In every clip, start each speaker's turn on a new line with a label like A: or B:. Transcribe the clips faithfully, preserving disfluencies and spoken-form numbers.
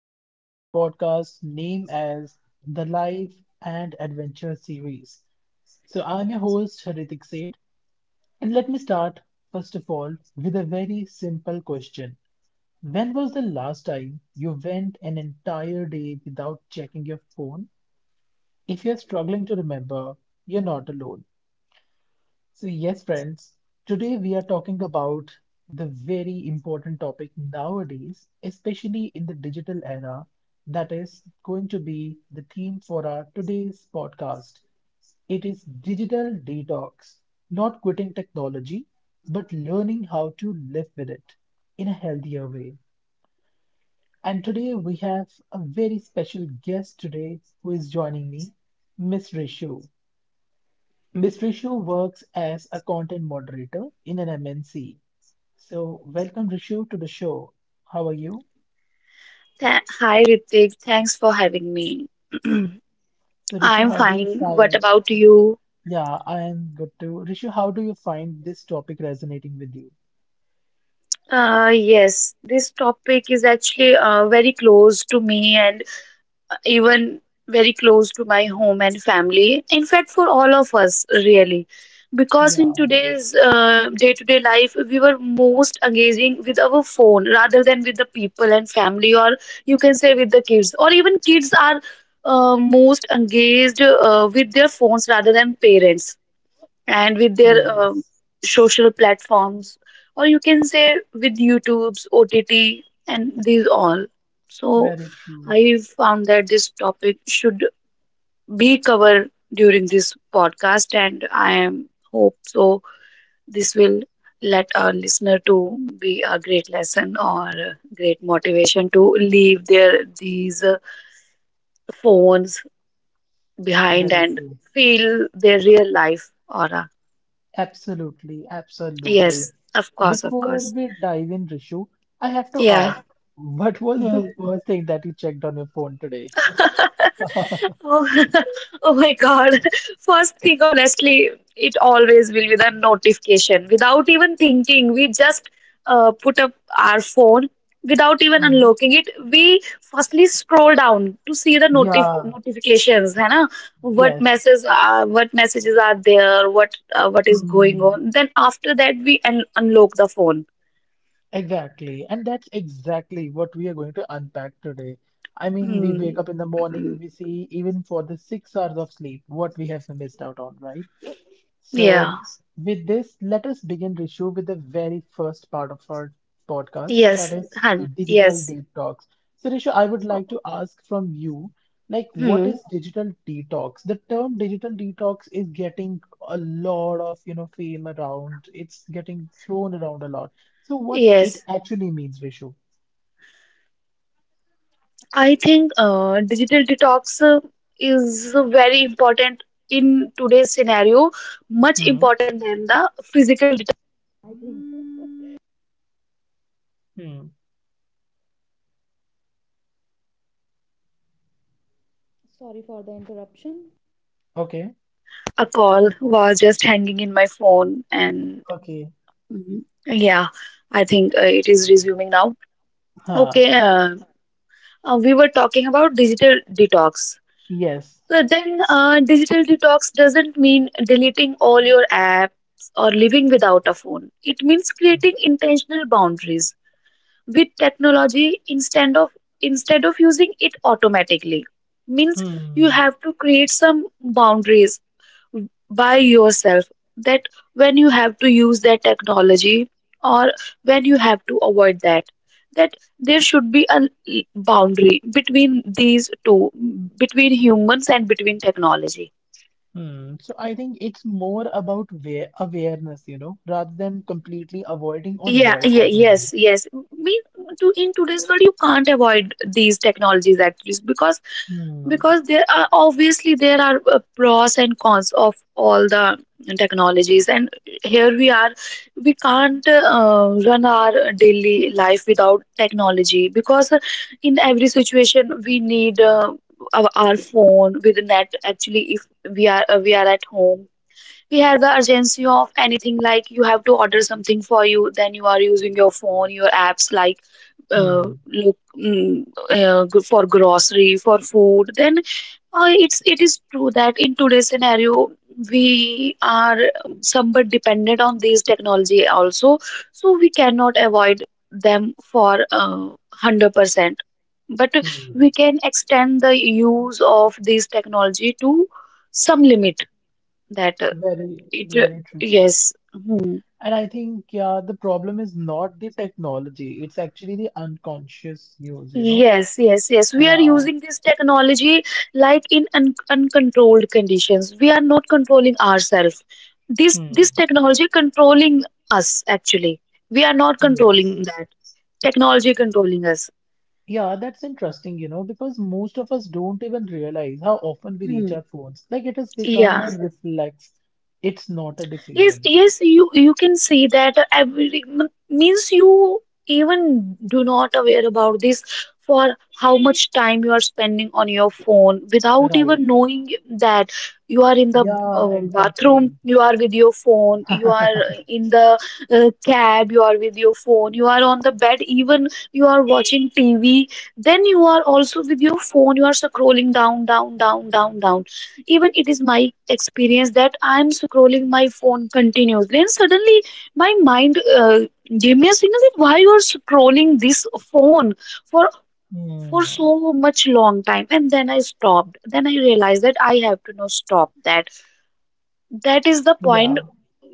A: today to our podcast named as the Life and Adventure series. So, I'm your host, Haritik Seth, and let me start first of all with a very simple question. When was the last time you went an entire day without checking your phone? If you're struggling to remember, you're not alone. So, yes, friends, today we are talking about the very important topic nowadays, especially in the digital era, that is going to be the theme for our today's podcast. It is digital detox, not quitting technology, but learning how to live with it in a healthier way. And today we have a very special guest today who is joining me, Miss Rishu. This Rishu works as a content moderator in an M N C. So, welcome Rishu to the show. How are you?
B: Tha- Hi Ritik, thanks for having me.
A: So, Rishu,
B: I'm
A: how do you
B: fine. What
A: find?
B: about you?
A: Yeah, I am good too. Rishu, how do you find this topic resonating with you?
B: Uh, yes, this topic is actually uh, very close to me, and even very close to my home and family. In fact, for all of us, really. Because in
A: Yeah,
B: today's day to day life, we were most engaging with our phone rather than with the people and family, or you can say with the kids. Or even kids are uh, most engaged uh, with their phones rather than parents and with their um
A: yes,
B: social platforms, or you can say with YouTube's O T T and these all. So
A: very true,
B: I found that this topic should be covered during this podcast, and I am hope so this will let our listener to be a great lesson or a great motivation to leave their these uh, phones behind
A: very
B: and
A: true.
B: feel their real life aura.
A: Absolutely, absolutely.
B: Yes, of course, of
A: Before
B: course.
A: we dive in, Rishu, I have to
B: Yeah.
A: ask, what was the
B: Hmm.
A: first thing that you checked on your phone today?
B: Oh, oh my God. First thing, honestly, it always will be the notification. Without even thinking, we just uh, put up our phone without even
A: Mhm.
B: unlocking it. We firstly scroll down to see the notif
A: Yeah,
B: notifications, है ना? What
A: yes.
B: messages are what messages are there? What uh, what is going on?
A: Hmm,
B: Then after that, we un unlock the phone.
A: exactly. And that's exactly what we are going to unpack today. I mean, we
B: Hmm.
A: wake up in the morning, we see even for the six hours of sleep, what we have missed out on, right?
B: Yeah.
A: So, with this, let us begin, Rishu, with the very first part of our podcast, that
B: Yes.
A: is
B: Hun.
A: digital
B: Yes.
A: detox. So, Rishu, I would like to ask from you, like, what
B: Hmm.
A: is digital detox? The term digital detox is getting a lot of, you know, fame around. It's getting thrown around a lot. So, what it
B: Yes,
A: actually means, Rishu?
B: I think uh, digital detox uh, is very important in today's scenario, much
A: Hmm.
B: important.
A: Hmm. Okay. Okay.
B: Mhm. Yeah, I think uh, it is resuming now.
A: Huh.
B: Okay, uh, uh, we were talking about digital detox.
A: Yes.
B: So then, uh, digital detox doesn't mean deleting all your apps or living without a phone. It means creating intentional boundaries with technology instead of instead of using it automatically. Means you
A: Hmm.
B: have to create some boundaries by yourself, that when you have to use that technology or when you have to avoid that that, there should be a boundary between these two, between humans and between technology.
A: Hmm. So I think it's more about wa- awareness, you know, rather than completely avoiding or
B: Yeah, yeah,
A: boycotting it.
B: yes, yes. We to in today's world you can't avoid these technologies at least, because
A: Hmm.
B: because there are obviously there are uh, pros and cons of all the technologies, and here we are, we can't uh, run our daily life without technology, because in every situation we need uh, our, our phone with net, actually. If we are uh, we are at home, we have the urgency of anything, like you have to order something for you, then you are using your phone, your apps, like uh,
A: Hmm.
B: look mm, uh, g- for grocery, for food. Then uh, it's it is true that in today's scenario we are um, somewhat dependent on these technology also, so we cannot avoid them for uh, one hundred percent. But
A: Hmm.
B: we can extend the use of these technology to some limit. That uh,
A: Very,
B: it, uh,
A: very true.
B: yes. Hmm.
A: And I think, yeah, the problem is not the technology, it's actually the unconscious use, you know.
B: Yes, yes, yes. We are
A: Uh,
B: using this technology like in un uncontrolled conditions. We are not controlling ourselves. This this
A: hmm.
B: technology controlling us actually. We are not controlling
A: Yes.
B: that. Technology controlling us.
A: Yeah, that's interesting, you know, because most of us don't even realize how often we reach
B: Hmm.
A: our phones. Like it has become a
B: Yeah.
A: reflex, it's not a
B: Yes,
A: decision,
B: yes, you you can say that every m- means you even do not aware about this for how much time you are spending on your phone without
A: right?
B: even knowing that you are in the
A: Yeah,
B: uh, bathroom,
A: exactly.
B: you are with your phone, you are in the uh, cab, you are with your phone, you are on the bed, even you are watching T V, then you are also with your phone, you are scrolling down, down, down, down, down even it is my experience that I'm scrolling my phone continuously and suddenly my mind uh, gave me a signal that why you are scrolling this phone for for
A: Hmm.
B: so much long time and then I stopped then I realized that I have to now stop that that is the
A: Yeah,
B: point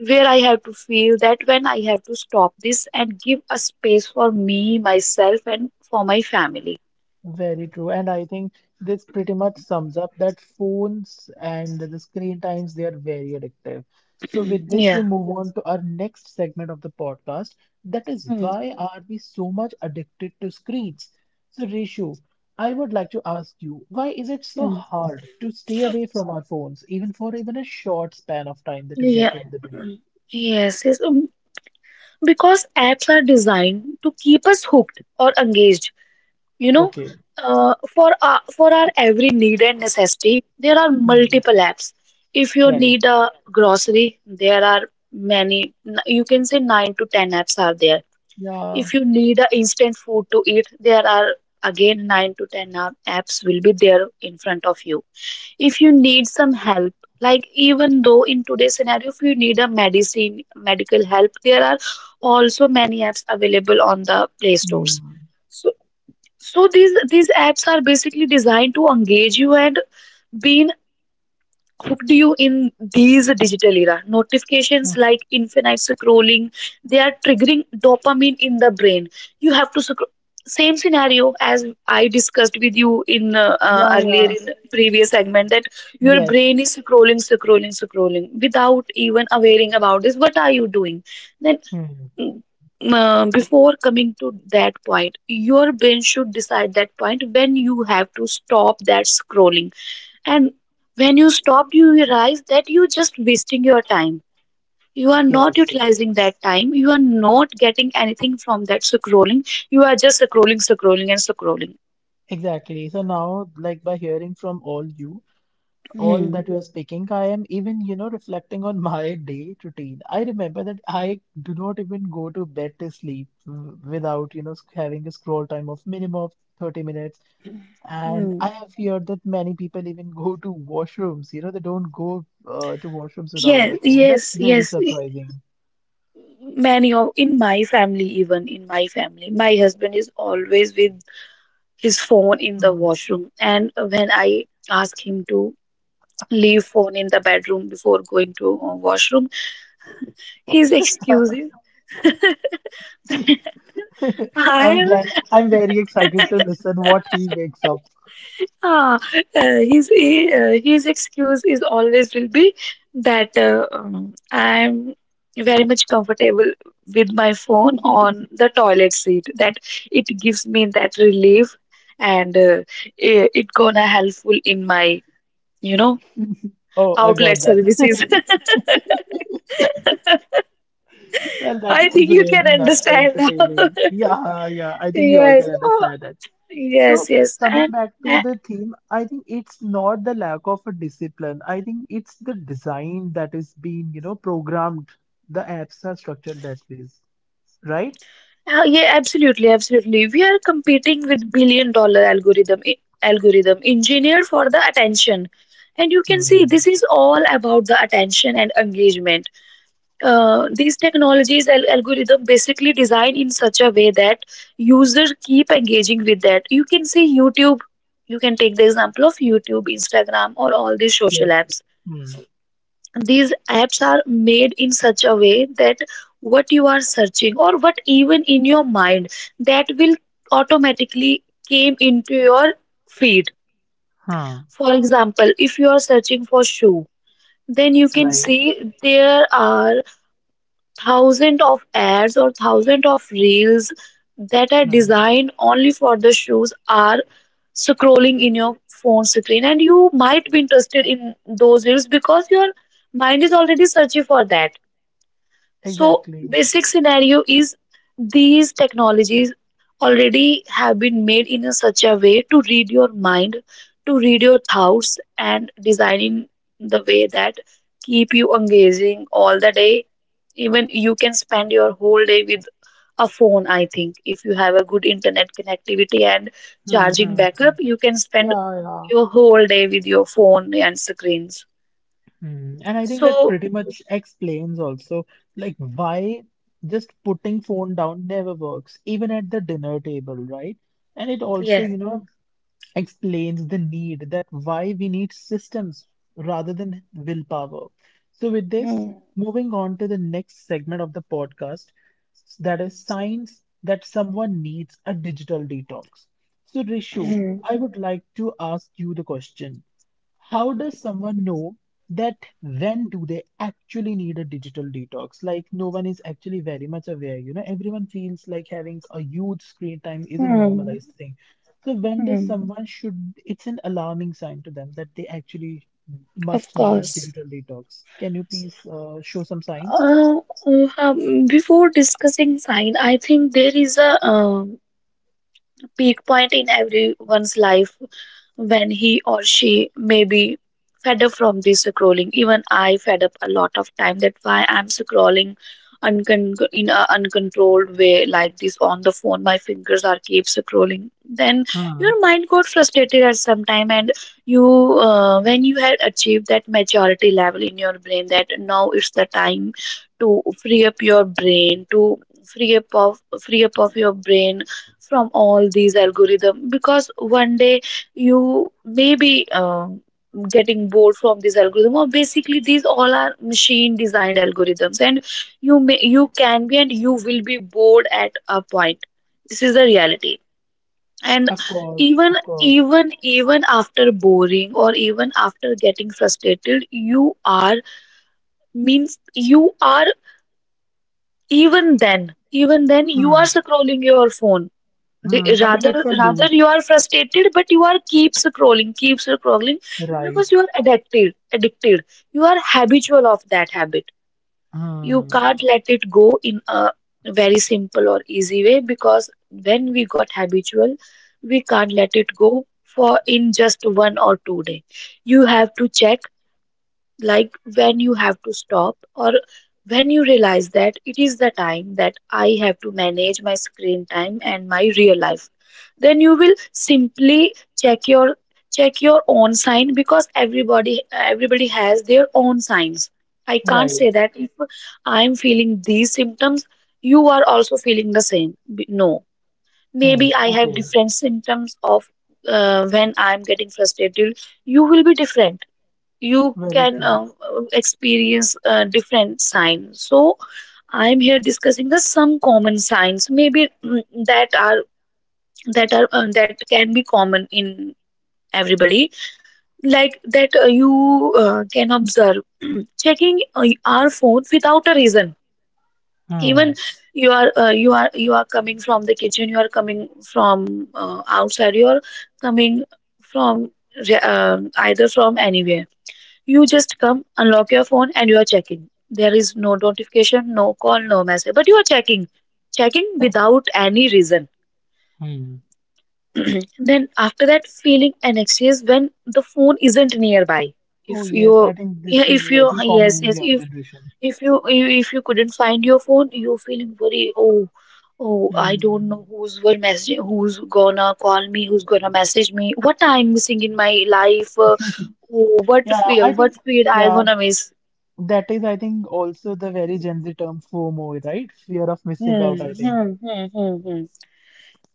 B: where I have to feel that when I have to stop this and give a space for me myself and for my family
A: very true. And I think this pretty much sums up that phones and the screen times, they are very addictive. So with this, we
B: yeah
A: move on to our next segment of the podcast. That is
B: Mm,
A: why are we so much addicted to screens? So Rishu, I would like to ask you, why is it so
B: mm.
A: hard to stay away from our phones, even for even a short span of time that you get
B: yeah
A: in the day?
B: Mm. Yes, yes. Um, because apps are designed to keep us hooked or engaged, you know
A: Okay.
B: uh, for our, for our every need and necessity, there are
A: Hmm.
B: multiple apps. If you
A: Right.
B: need a grocery, there are many n- you can say nine to ten apps are there.
A: Yeah.
B: If you need a instant food to eat, there are again nine to ten app- apps will be there in front of you. If you need some help, like even though in today's scenario, if you need a medicine medical help, there are also many apps available on the play stores.
A: Hmm.
B: So so these these apps are basically designed to engage you and be hooked you in these digital era. Notifications
A: Huh.
B: like infinite scrolling, they are triggering dopamine in the brain. You have to scroll. Same scenario as I discussed with you in uh, uh,
A: Yeah,
B: earlier
A: yeah.
B: in the previous segment, that your
A: Yes.
B: brain is scrolling, scrolling, scrolling without even awareing about this. What are you doing? Then
A: Hmm.
B: mm, uh, before coming to that point, your brain should decide that point when you have to stop that scrolling, and when you stop, you realize that you're just wasting your time. You are not
A: Yes.
B: utilizing that time. You are not getting anything from that scrolling. You are just scrolling, scrolling, and scrolling.
A: Exactly. So now, like by hearing from all you, all
B: Hmm.
A: that you are speaking, I am even, you know, reflecting on my day routine. I remember that I do not even go to bed to sleep w- without, you know, sc- having a scroll time of minimum of thirty minutes. And
B: Hmm.
A: I have heard that many people even go to washrooms, you know, they don't go uh, to washrooms without
B: Yes,
A: their phone. That's
B: yes,
A: very
B: yes.
A: surprising.
B: Many of in my family, even in my family, my husband is always with his phone in the
A: Hmm.
B: washroom. And when I ask him to leave phone in the bedroom before going to uh, washroom, his excuses.
A: I'm
B: I
A: glad. I'm very excited to listen what he wakes up.
B: Ah, uh, his he, uh, his excuse is always will be that uh, um, I'm very much comfortable with my phone on the toilet seat. That it gives me that relief, and uh, it, it gonna helpful in my, you know
A: Oh, I
B: outlet
A: got that.
B: services.
A: Well, that
B: I
A: was
B: think you can
A: really ni-
B: understand now.
A: entertaining. Yeah, yeah. I think we all
B: Yes,
A: can
B: oh,
A: understand that.
B: yes,
A: So,
B: yes,
A: coming
B: and.
A: back to the theme, I think it's not the lack of a discipline. I think it's the design that is being, you know, programmed. The apps are structured that ways, right?
B: Yeah, yeah, absolutely, absolutely. We are competing with billion dollar algorithm algorithm engineered for the attention. And you can see this
A: Hmm.
B: is all about the attention and engagement. Uh, these technologies al- algorithm basically designed in such a way that users keep engaging with that. You can see YouTube. You can take the example of YouTube, Instagram, or all these social
A: Yes.
B: apps.
A: Hmm.
B: These apps are made in such a way that what you are searching, or what even in your mind, that will automatically came into your feed.
A: Huh.
B: For example, if you are searching for shoe, then you can
A: Right.
B: see there are thousands of ads or thousands of reels that are
A: Hmm.
B: designed only for the shoes are scrolling in your phone screen, and you might be interested in those reels because your mind is already searching for that. So,
A: Exactly.
B: basic scenario is these technologies already have been made in a such a way to read your mind, to read your thoughts, and designing the way that keep you engaging all the day. Even you can spend your whole day with a phone, I think. If you have a good internet connectivity and
A: Hmm.
B: charging
A: Hmm. hmm.
B: backup, you can spend
A: Yeah, yeah.
B: your whole day with your phone and screens.
A: Mm, and I think that
B: So,
A: pretty much explains also like why just putting phone down never works, even at the dinner table, right? And it also,
B: yes.
A: you know, explains the need that why we need systems rather than willpower. So with this,
B: Hmm.
A: moving on to the next segment of the podcast, that is signs that someone needs a digital detox. So Rishu,
B: Hmm.
A: I would like to ask you the question. How does someone know that when do they actually need a digital detox? Like no one is actually very much aware. You know, everyone feels like having a huge screen time is a
B: Hmm.
A: normalized thing. So when does
B: Hmm.
A: someone should, it's an alarming sign to them that they actually
B: Of
A: must need a
B: course.
A: digital detox. Can you please uh, show some signs?
B: Uh, uh, um, Before discussing sign, I think there is a um, peak point in everyone's life when he or she may be fed up from this scrolling. Even I fed up a lot of time. That's why I'm scrolling uncon- in an uncontrolled way like this on the phone. My fingers are keep scrolling. Then
A: Hmm.
B: your mind got frustrated at some time, and you uh, when you had achieved that maturity level in your brain that now it's the time to free up your brain, to free up of free up of your brain from all these algorithm, because one day you may be um, getting bored from this algorithm, or basically these all are machine designed algorithms, and you may you can be, and you will be bored at a point. This is the reality. And
A: Of course,
B: even
A: of course.
B: even even after boring, or even after getting frustrated, you are means you are, even then even then you are
A: Hmm.
B: scrolling your phone. the,
A: Hmm. I think it's
B: rather
A: a
B: rather
A: loop.
B: you are frustrated, but you are keep scrolling keep scrolling,
A: Right,
B: because you are addicted addicted, you are habitual of that habit. You
A: Hmm.
B: can't let it go in a very simple or easy way, because when we got habitual, we can't let it go for in just one or two day. You have to check, like, when you have to stop, or when you realize that it is the time that I have to manage my screen time and my real life. Then you will simply check your check your own sign, because everybody everybody has their own signs. I can't
A: right.
B: say that if I'm feeling these symptoms, you are also feeling the same. B- No,
A: Hmm.
B: maybe I have
A: Okay,
B: different symptoms of uh, when I'm getting frustrated. You will be different. You
A: very
B: can
A: true.
B: um, experience uh, different signs. So I'm here discussing the some common signs, maybe mm, that are that are uh, that can be common in everybody, like that uh, you uh, can observe checking uh, our phone without a reason.
A: Hmm.
B: Even you are uh, you are you are coming from the kitchen, you are coming from uh, outside, you are coming from re- uh, either from anywhere you just come, unlock your phone, and you are checking. There is no notification, no call, no message, but you are checking, checking without any reason.
A: Hmm.
B: Then after that, feeling anxious when the phone isn't nearby. If
A: Oh yes, I
B: you,
A: think
B: yeah,
A: this is
B: if you,
A: very common
B: yes,
A: in
B: yes,
A: young
B: if
A: generation.
B: if you if you couldn't find your phone, you feeling very oh oh I don't know
A: Hmm.
B: who's will message, who's gonna call me, who's gonna message me, what I'm missing in my life. Uh, oh, what
A: Yeah,
B: fear,
A: I think
B: what fear I
A: yeah,
B: gonna miss.
A: that is I think also the very Gen Z term FOMO, right? Fear of missing
B: Hmm,
A: out, I think.
B: hmm, hmm, hmm, hmm.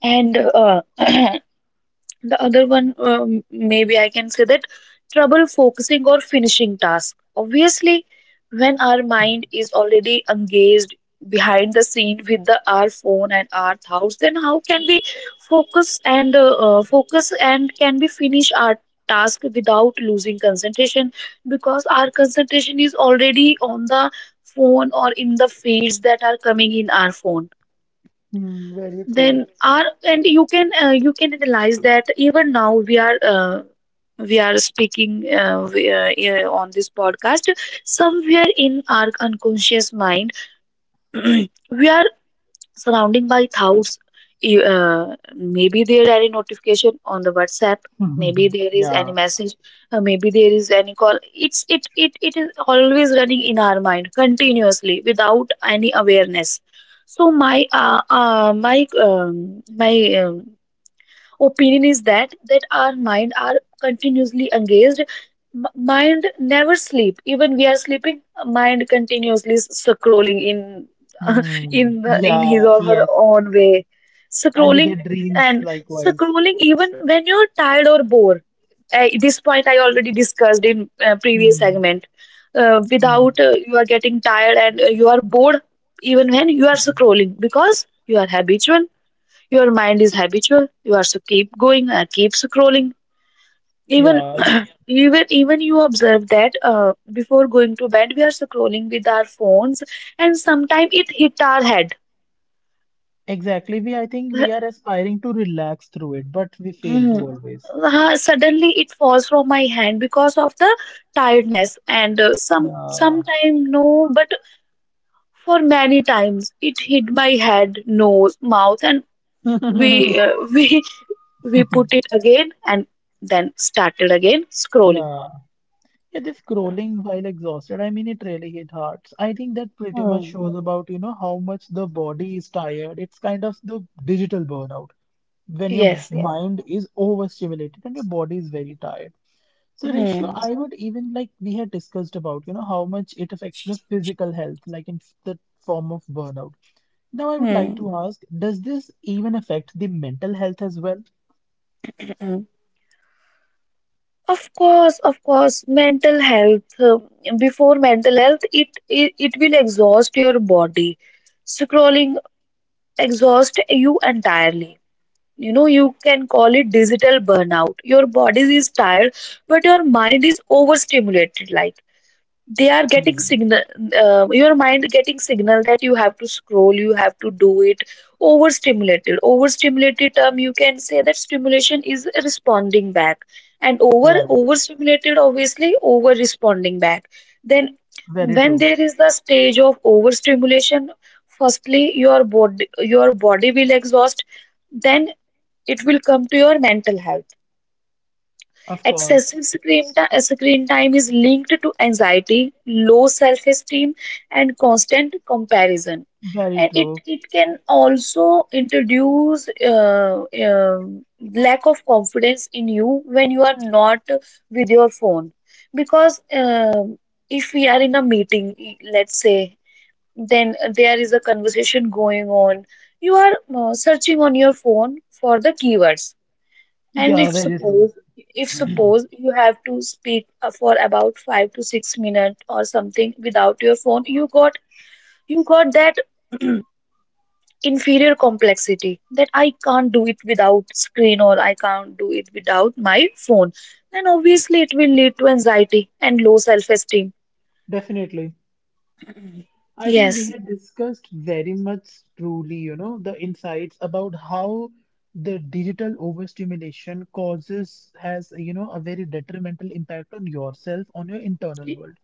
B: And uh, the other one, um, maybe I can say that trouble focusing or finishing task. Obviously, when our mind is already engaged behind the scene with the our phone and our thoughts, then how can we focus and uh, uh, focus and can we finish our task without losing concentration? Because our concentration is already on the phone or in the feeds that are coming in our phone
A: Hmm, very true.
B: then our and you can uh, you can realize that even now we are uh, we are speaking uh, we, uh, yeah, on this podcast somewhere in our unconscious mind we are surrounding by thousands. You, Uh, Maybe there any notification on the WhatsApp. Maybe there is
A: Yeah.
B: any message. Uh, maybe there is any call. It's it it it is always running in our mind continuously without any awareness. So my uh, uh my um, my um, opinion is that that our mind are continuously engaged. M- mind never sleep even we are sleeping mind continuously s- scrolling in
A: Hmm.
B: in the- in his
A: Yeah,
B: or her
A: yes.
B: own way
A: And we
B: scrolling
A: get dreams
B: and
A: likewise.
B: scrolling even when you're tired or bored. Uh, this point I already discussed in uh, previous
A: Hmm.
B: segment, uh,
A: Hmm.
B: without uh, you are getting tired and uh, you are bored, even when you are scrolling because you are habitual, your mind is habitual. You also keep going and keep scrolling. Even
A: Yeah,
B: even even you observe that uh, before going to bed we are scrolling with our phones and sometimes it hit our head.
A: exactly. We I think we are aspiring to relax through it, but we fail to
B: Mhm.
A: always.
B: Uh, suddenly it falls from my hand because of the tiredness and uh, some
A: Yeah.
B: sometime no, but for many times it hit my head nose mouth and we uh, we we put it again and then started again scrolling.
A: Yeah. Yeah, this scrolling while exhausted, I mean, it really hit hurts. I think that pretty much
B: Hmm.
A: shows about, you know, how much the body is tired. It's kind of the digital burnout when your
B: Yes, yes.
A: mind is overstimulated and your body is very tired. So, ratio,
B: Hmm.
A: I would even like we had discussed about, you know, how much it affects the physical health, like in f- the form of burnout. Now, I would like
B: Hmm.
A: to ask, does this even affect the mental health as well?
B: Hmm. Of course, of course. Mental health. uh, Before mental health, it, it it will exhaust your body. Scrolling exhaust you entirely. You know, you can call it digital burnout. Your body is tired, but your mind is overstimulated. Like they are getting
A: Hmm.
B: signal, uh, your mind getting signal that you have to scroll, you have to do it. Overstimulated, overstimulated term, you can say that stimulation is responding back, and over
A: Right.
B: overstimulated obviously over responding back, then
A: Very
B: when
A: true.
B: there is the stage of overstimulation, firstly your body, your body will exhaust, then it will come to your mental health.
A: Of course.
B: Excessive screen, ti- uh, screen time is linked to anxiety, low self esteem, and constant comparison.
A: Very
B: And it,
A: true.
B: it can also introduce uh, uh, lack of confidence in you when you are not with your phone. Because um if we are in a meeting, let's say, then there is a conversation going on, you are uh, searching on your phone for the keywords, and
A: Yeah,
B: if
A: very true.
B: suppose if suppose you have to speak uh, for about five to six minutes or something without your phone, you got you got that inferior complexity that I can't do it without screen or I can't do it without my phone. And obviously it will lead to anxiety and low self esteem.
A: Definitely. I think we
B: Yes.
A: had discussed very much truly, you know, the insights about how the digital overstimulation causes has, you know, a very detrimental impact on yourself, on your internal world.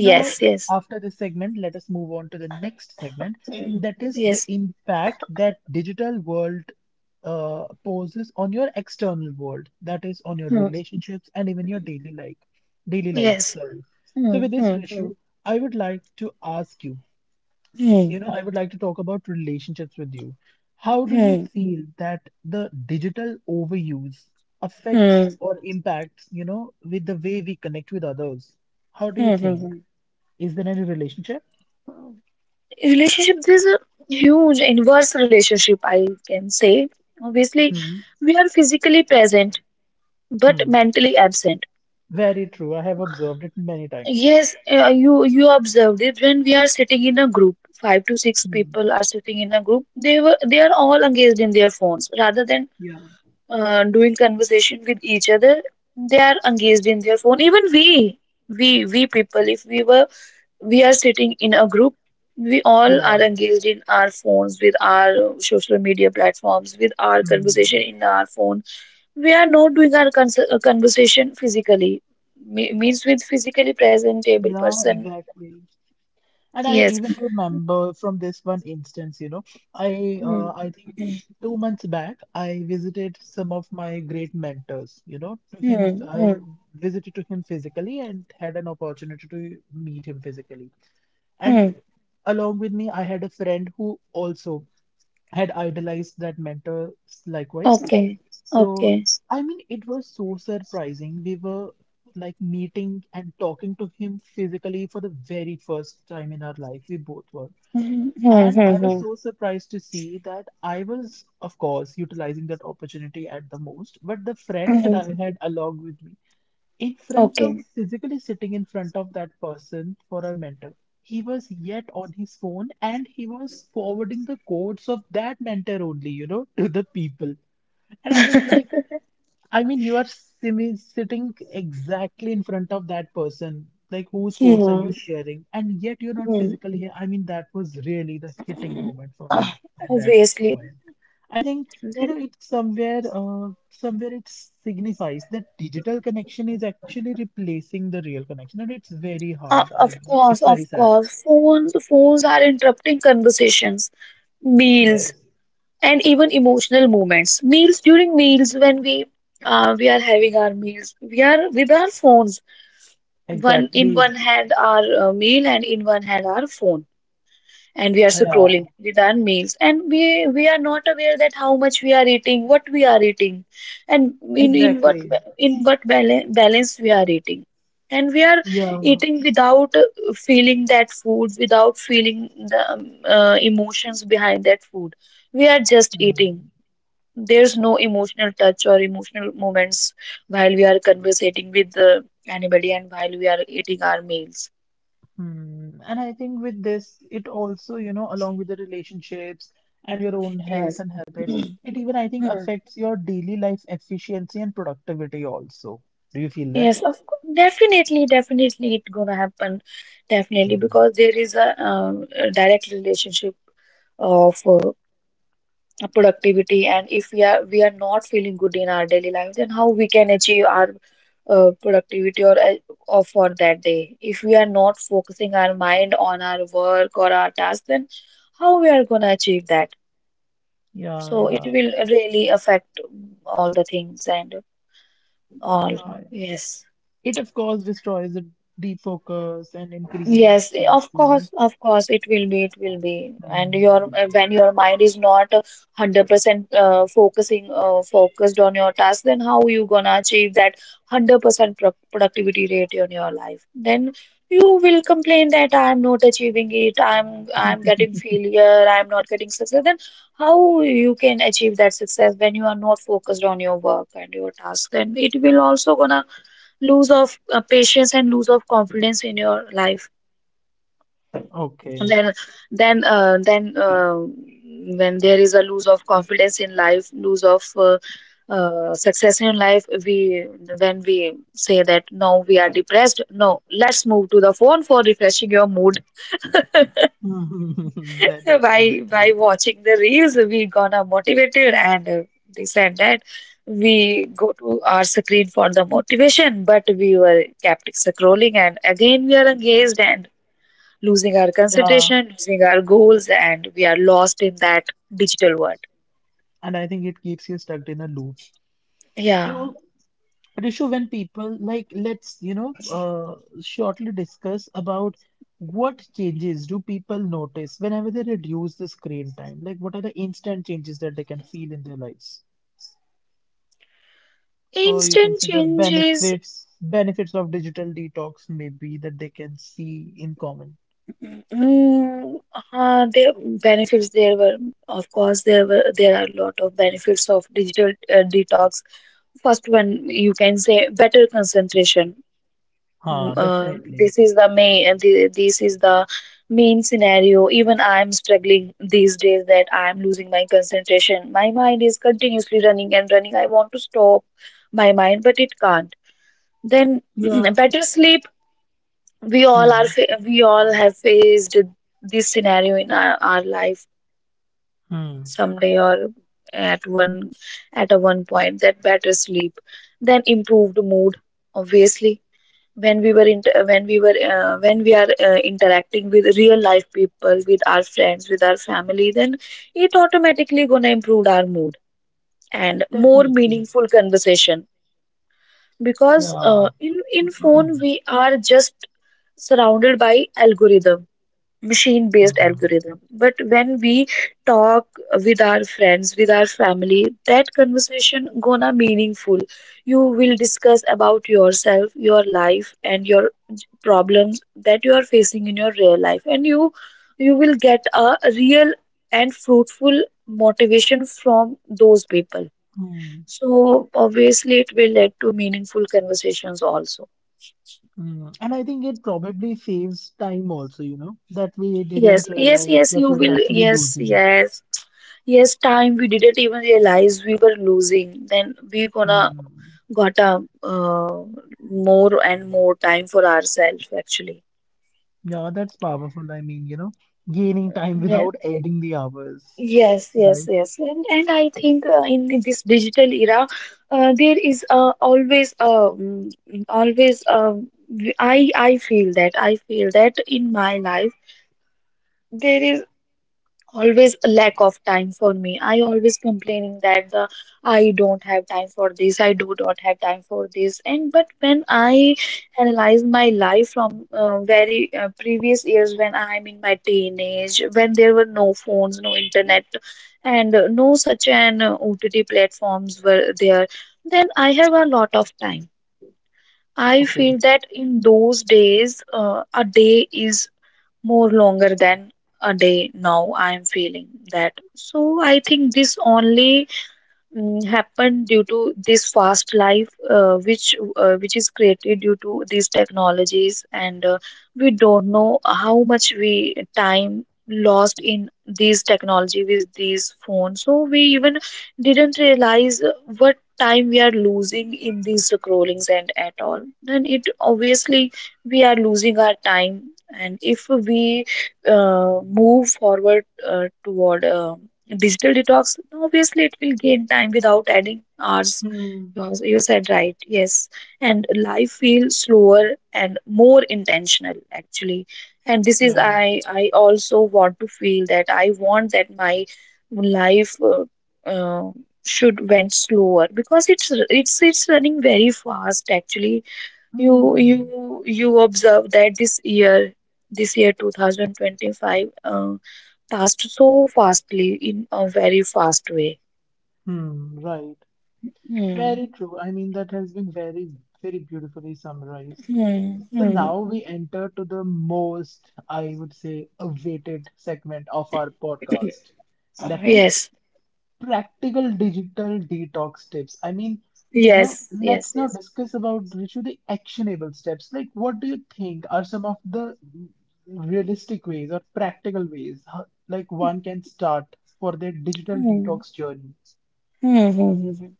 A: Now,
B: yes,
A: after this segment, let us move on to the next segment, that is the
B: yes.
A: impact that digital world uh, poses on your external world, that is on your
B: Hmm.
A: relationships and even your daily life, daily life,
B: Yes.
A: sorry.
B: Hmm.
A: So with this,
B: Hmm. Hmm.
A: Rishu, I would like to ask you,
B: Hmm.
A: you know, I would like to talk about relationships with you. How do you
B: Hmm.
A: feel that the digital overuse
B: Hmm.
A: affects or impacts, you know, with the way we connect with others? How do you
B: Hmm.
A: think?
B: Hmm.
A: Is there any relationship?
B: Hmm. Relationship, there's a huge inverse relationship, I can say. Obviously,
A: Hmm.
B: we are physically present but
A: Hmm.
B: mentally absent.
A: Very true. I have observed it many times.
B: Yes, uh, you you observed it when we are sitting in a group, five to six
A: Hmm.
B: people are sitting in a group, they were they are all engaged in their phones rather than
A: Yeah.
B: uh, doing conversation with each other. They are engaged in their phone, even we we we people, if we were we are sitting in a group, we all
A: Yeah,
B: are engaged in our phones with our social media platforms, with our conversation
A: Hmm.
B: in our phone. We are not doing our cons- uh, conversation physically. Me- means with physically presentable
A: yeah,
B: person.
A: exactly. And I
B: Yes.
A: even remember from this one instance, you know, I
B: Hmm.
A: uh, I think two months back I visited some of my great mentors, you know, to him
B: Hmm. Hmm.
A: I visited to him physically and had an opportunity to meet him physically. And
B: Hmm.
A: along with me, I had a friend who also had idolized that mentor likewise.
B: Okay.
A: So
B: Okay.
A: I mean, it was so surprising. We were like meeting and talking to him physically for the very first time in our life. We both were.
B: Hmm. Hmm.
A: And
B: Hmm.
A: I was
B: Hmm.
A: so surprised to see that I was, of course, utilizing that opportunity at the most. But the friend that
B: Hmm.
A: I had along with me, in front of
B: Okay.
A: physically sitting in front of that person for a mentor, he was yet on his phone and he was forwarding the codes of that mentor only, you know, to the people. And I was like, I mean, you are simi- sitting exactly in front of that person. Like, whose quotes are
B: Hmm.
A: you sharing? And yet, you're not
B: Hmm.
A: physically here. I mean, that was really the hitting
B: Hmm.
A: moment for
B: Ah,
A: me at that
B: obviously,
A: point. I think, you
B: that
A: know, it somewhere, uh, somewhere it signifies that digital connection is actually replacing the real connection, and it's very
B: Uh,
A: hard. I
B: of course,
A: It's
B: of
A: very sad.
B: course. Phones, phones are interrupting conversations, meals,
A: Yes,
B: and even emotional moments. Meals During meals when we uh, we are having our meals, we are with our phones. One In
A: exactly.
B: one hand our uh, meal, and in one hand our phone, and we are
A: Yeah,
B: scrolling with our meals, and we we are not aware that how much we are eating, what we are eating, and in in what
A: exactly.
B: in what balance, balance we are eating, and we are
A: Yeah.
B: eating without uh, feeling that food, without feeling the um, uh, emotions behind that food, we are just
A: Hmm.
B: eating. There's no emotional touch or emotional moments while we are conversating with uh, anybody, and while we are eating our meals.
A: Hmm. And I think with this, it also, you know, along with the relationships and your own health
B: Yes.
A: and habits, it even, I think,
B: Hmm.
A: affects your daily life efficiency and productivity also. Do you feel that?
B: Yes, of course, definitely, definitely it gonna happen, definitely
A: Hmm.
B: because there is a, um, a direct relationship of uh, productivity, and if we are we are not feeling good in our daily life, then how we can achieve our uh, productivity or, uh, or for that day? If we are not focusing our mind on our work or our task, then how we are gonna achieve that?
A: Yeah,
B: So it
A: yeah.
B: will really affect all the things and all.
A: Yeah.
B: Yes.
A: It, of course, destroys the deep focus and increase in
B: Yes,
A: stress,
B: of
A: you know.
B: course, of course, it will be, it will be. And
A: Hmm.
B: your uh, when your mind is not uh, one hundred percent uh, focusing uh, focused on your task, then how you gonna achieve that one hundred percent pro productivity rate on your life? Then you will complain that I am not achieving it. I'm I'm getting failure. I'm not getting success. Then how you can achieve that success when you are not focused on your work and your task? Then it will also gonna lose of uh, patience and lose of confidence in your life,
A: Okay.
B: then then uh, then uh, when there is a lose of confidence in life, lose of uh, uh, success in life, we when we say that no, we are depressed, no, let's move to the phone for refreshing your mood.
A: That
B: By by
A: definitely.
B: watching the reels we gonna motivated and uh, this and that, we go to our screen for the motivation, but we were kept scrolling and again we are engaged and losing our
A: Yeah.
B: concentration, losing our goals, and we are lost in that digital world.
A: And I think it keeps you stuck in a loop.
B: Yeah.
A: So Rishu, when people like, let's, you know, uh, shortly discuss about what changes do people notice whenever they reduce the screen time? Like, what are the instant changes that they can feel in their lives? Or you can
B: Instant
A: say the
B: changes,
A: benefits, benefits of digital detox, maybe that they can see in common.
B: mm, uh, there benefits there were, of course, there were there are a lot of benefits of digital uh, detox. First one, you can say better concentration.
A: Huh,
B: Uh,
A: definitely.
B: this is the main th- this is the main scenario, even I am struggling these days, that I am losing my concentration, my mind is continuously running and running, I want to stop my mind but it can't. Then
A: Yeah.
B: better sleep. We all are
A: Hmm.
B: fa- we all have faced this scenario in our, our life,
A: Hmm.
B: someday or at one at a one point, that better sleep, then improved mood. Obviously, when we were inter when we were uh, when we are uh, interacting with real life people, with our friends, with our family, then it automatically gonna improve our mood, and more
A: Definitely.
B: meaningful conversation, because
A: Yeah.
B: uh, in in phone we are just surrounded by algorithm, machine based
A: Hmm.
B: algorithm. But when we talk with our friends, with our family, that conversation gonna meaningful. You will discuss about yourself, your life and your problems that you are facing in your real life, and you you will get a real and fruitful motivation from those people.
A: Hmm.
B: So obviously it will lead to meaningful conversations also.
A: Mm, And I think it probably saves time also, you know, that we didn't
B: Yes, yes,
A: realize
B: yes,
A: that
B: you
A: we were
B: will.
A: actually
B: Yes,
A: losing.
B: yes, yes, time we didn't even realize we were losing. Then we gonna
A: Mm.
B: got a uh, more and more time for ourselves actually.
A: Yeah, that's powerful. I mean, you know, gaining time
B: Yeah.
A: without adding the hours,
B: Yes, yes,
A: right?
B: yes. And and I think uh, in this digital era, uh, there is uh, always uh, mm, always uh, I I feel that I feel that in my life there is always a lack of time for me. I always complaining that the I don't have time for this I do not have time for this. And but when I analyze my life from uh, very uh, previous years, when I'm in my teenage, when there were no phones, no internet, and uh, no such an uh, OTT platforms were there, then I have a lot of time. I
A: Okay.
B: feel that in those days uh, a day is more longer than a day now, I am feeling that. So I think this only mm, happen due to this fast life uh, which uh, which is created due to these technologies, and uh, we don't know how much we time lost in these technology with these phones. So we even didn't realize what time we are losing in these scrollings and at all. Then it obviously we are losing our time. And if we uh, move forward uh, toward um digital detox, obviously, it will gain time without adding hours.
A: Hmm.
B: You you said right, yes. And life feels slower and more intentional, actually. And this is
A: Yeah.
B: I I also want to feel that. I want that my life uh, uh, should went slower, because it's it's it's running very fast actually. you
A: Hmm.
B: you you observe that this year, this year twenty twenty-five, uh, passed so fastly in a very fast way.
A: Hmm. Right.
B: Hmm.
A: Very true. I mean, that has been very, very beautifully summarized.
B: Hmm.
A: So
B: Hmm.
A: now we enter to the most, I would say, awaited segment of our podcast. That is
B: Yes.
A: practical digital detox tips. I mean, you know,
B: Yes. Yes.
A: let's now
B: Yes.
A: discuss about Richu the actionable steps. Like, what do you think are some of the realistic ways or practical ways how, like one can start for their digital
B: Hmm.
A: detox journey?
B: Hmm. Hmm. Hmm, hmm.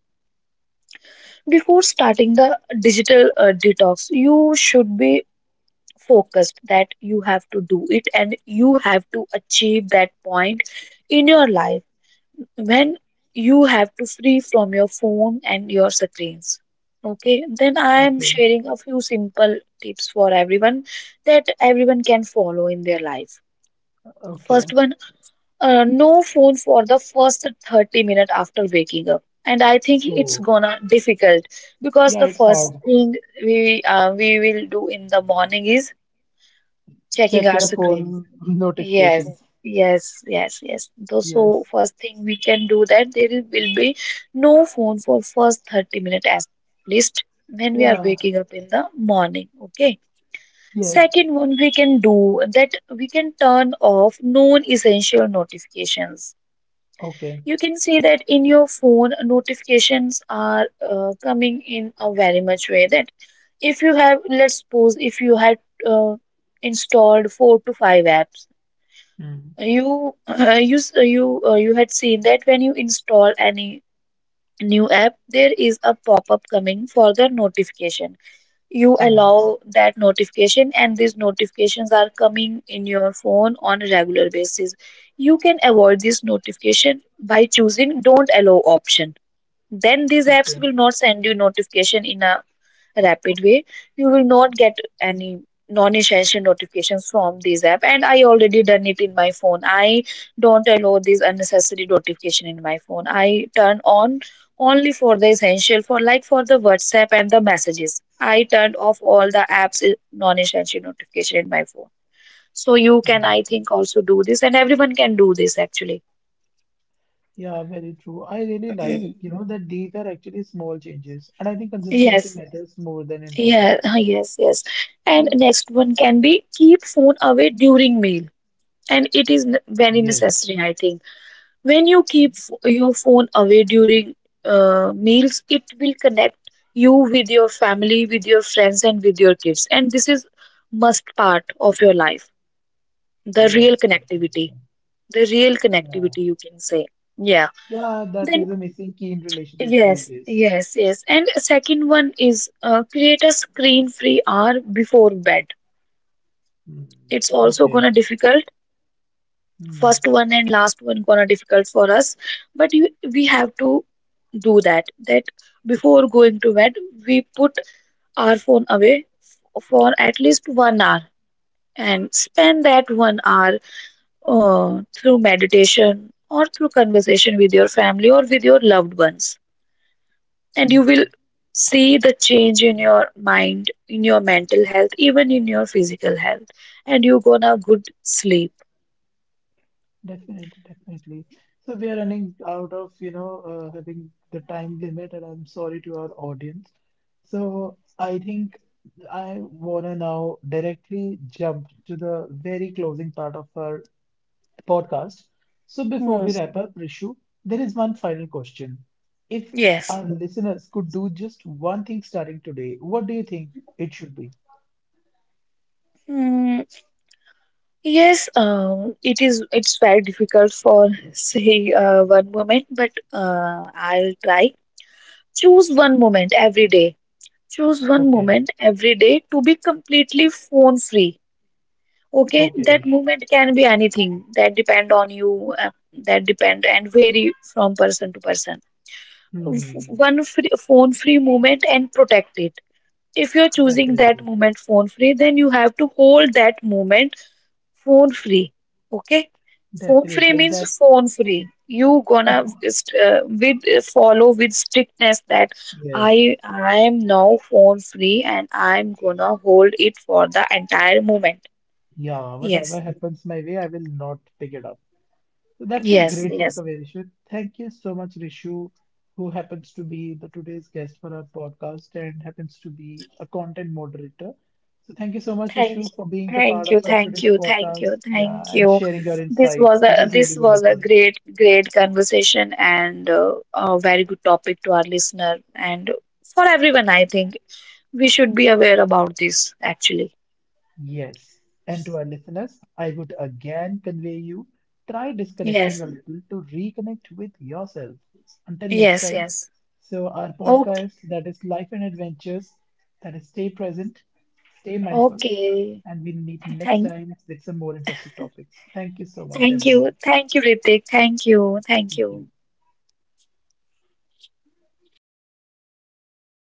B: Before starting the digital uh, detox, you should be focused that you have to do it and you have to achieve that point in your life when you have to free from your phone and your screens. Okay. Then I am
A: Okay,
B: sharing a few simple tips for everyone, that everyone can follow in their life.
A: okay.
B: First one, uh, no phone for the first thirty minutes after waking up. And I think it's
A: Oh,
B: gonna difficult, because
A: yeah,
B: the
A: it's
B: first
A: hard.
B: thing we uh, we will do in the morning is checking
A: Check
B: our
A: your
B: screen.
A: phone
B: Yes,
A: notifications.
B: yes, yes, yes. Though, so
A: Yes.
B: first thing we can do that there is- will be no phone for first thirty minutes at least when we are
A: Yeah.
B: waking up in the morning. Okay.
A: Yes.
B: Second one we can do that we can turn off non-essential notifications.
A: Okay.
B: You can see that in your phone notifications are uh, coming in a very much way, that if you have, let's suppose if you had uh, installed four to five apps,
A: Hmm.
B: you uh, you s- you uh, you had seen that when you install any new app, there is a pop-up coming for the notification. You
A: Hmm.
B: allow that notification, and these notifications are coming in your phone on a regular basis. You can avoid this notification by choosing "Don't Allow" option. Then these apps
A: Okay.
B: will not send you notification in a rapid way. You will not get any non-essential notifications from these app. And I already done it in my phone. I don't allow these unnecessary notification in my phone. I turn on only for the essential, for like for the WhatsApp and the messages. I turned off all the apps i- non-essential notification in my phone. So you can, I think, also do this, and everyone can do this actually.
A: Yeah, very true. I really like, you know, that these are actually small changes, and I think consistency
B: Yes.
A: matters more than
B: yeah
A: intensity.
B: uh, yes, yes. And
A: So,
B: next one can be keep phone away during meal. And it is ne- very
A: yes,
B: necessary, I think. When you keep f- your phone away during uh, meals, it will connect you with your family, with your friends, and with your kids. And this is must part of your life. The real
A: yes,
B: connectivity,
A: definitely.
B: the real
A: Yeah,
B: connectivity, you can say. Yeah.
A: yeah, that
B: Then
A: is a missing key in relationships these
B: yes,
A: days.
B: yes, yes. And second one is uh, create a screen free hour before bed.
A: Hmm.
B: It's also
A: Okay.
B: gonna difficult.
A: Hmm.
B: First one and last one gonna difficult for us. But you, we have to do that, that before going to bed we put our phone away for at least one hour, and spend that one hour uh, through meditation or through conversation with your family or with your loved ones. And you will
A: Hmm.
B: see the change in your mind, in your mental health, even in your physical health. And you gonna good sleep.
A: Definitely, definitely. So we are running out of, you know, uh, having the time limit, and I'm sorry to our audience. So I think I wanna now directly jump to the very closing part of our podcast. So before
B: Hmm.
A: we wrap up, Rishu, there is one final question. If
B: Yes.
A: our listeners could do just one thing starting today, what do you think it should be?
B: Yes, um, it is. It's very difficult for say uh, one moment, but uh, I'll try. Choose one moment every day. Choose one
A: Okay,
B: moment every day to be completely phone free. Okay,
A: okay.
B: that moment can be anything. That depend on you. Uh, that depend and vary from person to person. F-
A: Hmm,
B: One free, phone free moment, and protect it. If you're choosing that
A: definitely,
B: moment phone free, then you have to hold that moment phone free. Okay. Phone free
A: definitely.
B: means
A: That
B: phone free. You gonna st- uh, with uh, follow with strictness that i
A: Yes.
B: i am now phone free, and I'm gonna hold it for the entire moment.
A: Yeah,
B: Yes,
A: whatever happens my way, I will not pick it up. So that's a
B: yes,
A: great Yes.
B: yes.
A: takeaway, Rishu. Thank you so much, Rishu, who happens to be the today's guest for our podcast and happens to be a content moderator. So thank you so much,
B: Thank
A: Rishu, for being the part
B: you, thank you,
A: of our
B: thank
A: today's
B: you, thank
A: podcast.
B: you, thank
A: Yeah, and
B: you.
A: sharing your
B: This was
A: insights. It
B: a
A: was
B: this
A: really
B: was a
A: wonderful.
B: great great conversation, and uh, a very good topic to our listener and for everyone. I think we should be aware about this actually.
A: Yes. And to our listeners, I would again convey you try disconnecting
B: Yes,
A: a little to reconnect with yourself. Until next
B: yes,
A: time,
B: yes.
A: so our
B: Okay,
A: podcast that is Life and Adventures, that is stay present, stay mindful,
B: okay.
A: and we'll meet next
B: Thank,
A: time with some more interesting topics. Thank you so much,
B: thank you,
A: everyone.
B: thank you, Ritik. Thank you, thank
A: Thank you.
B: you.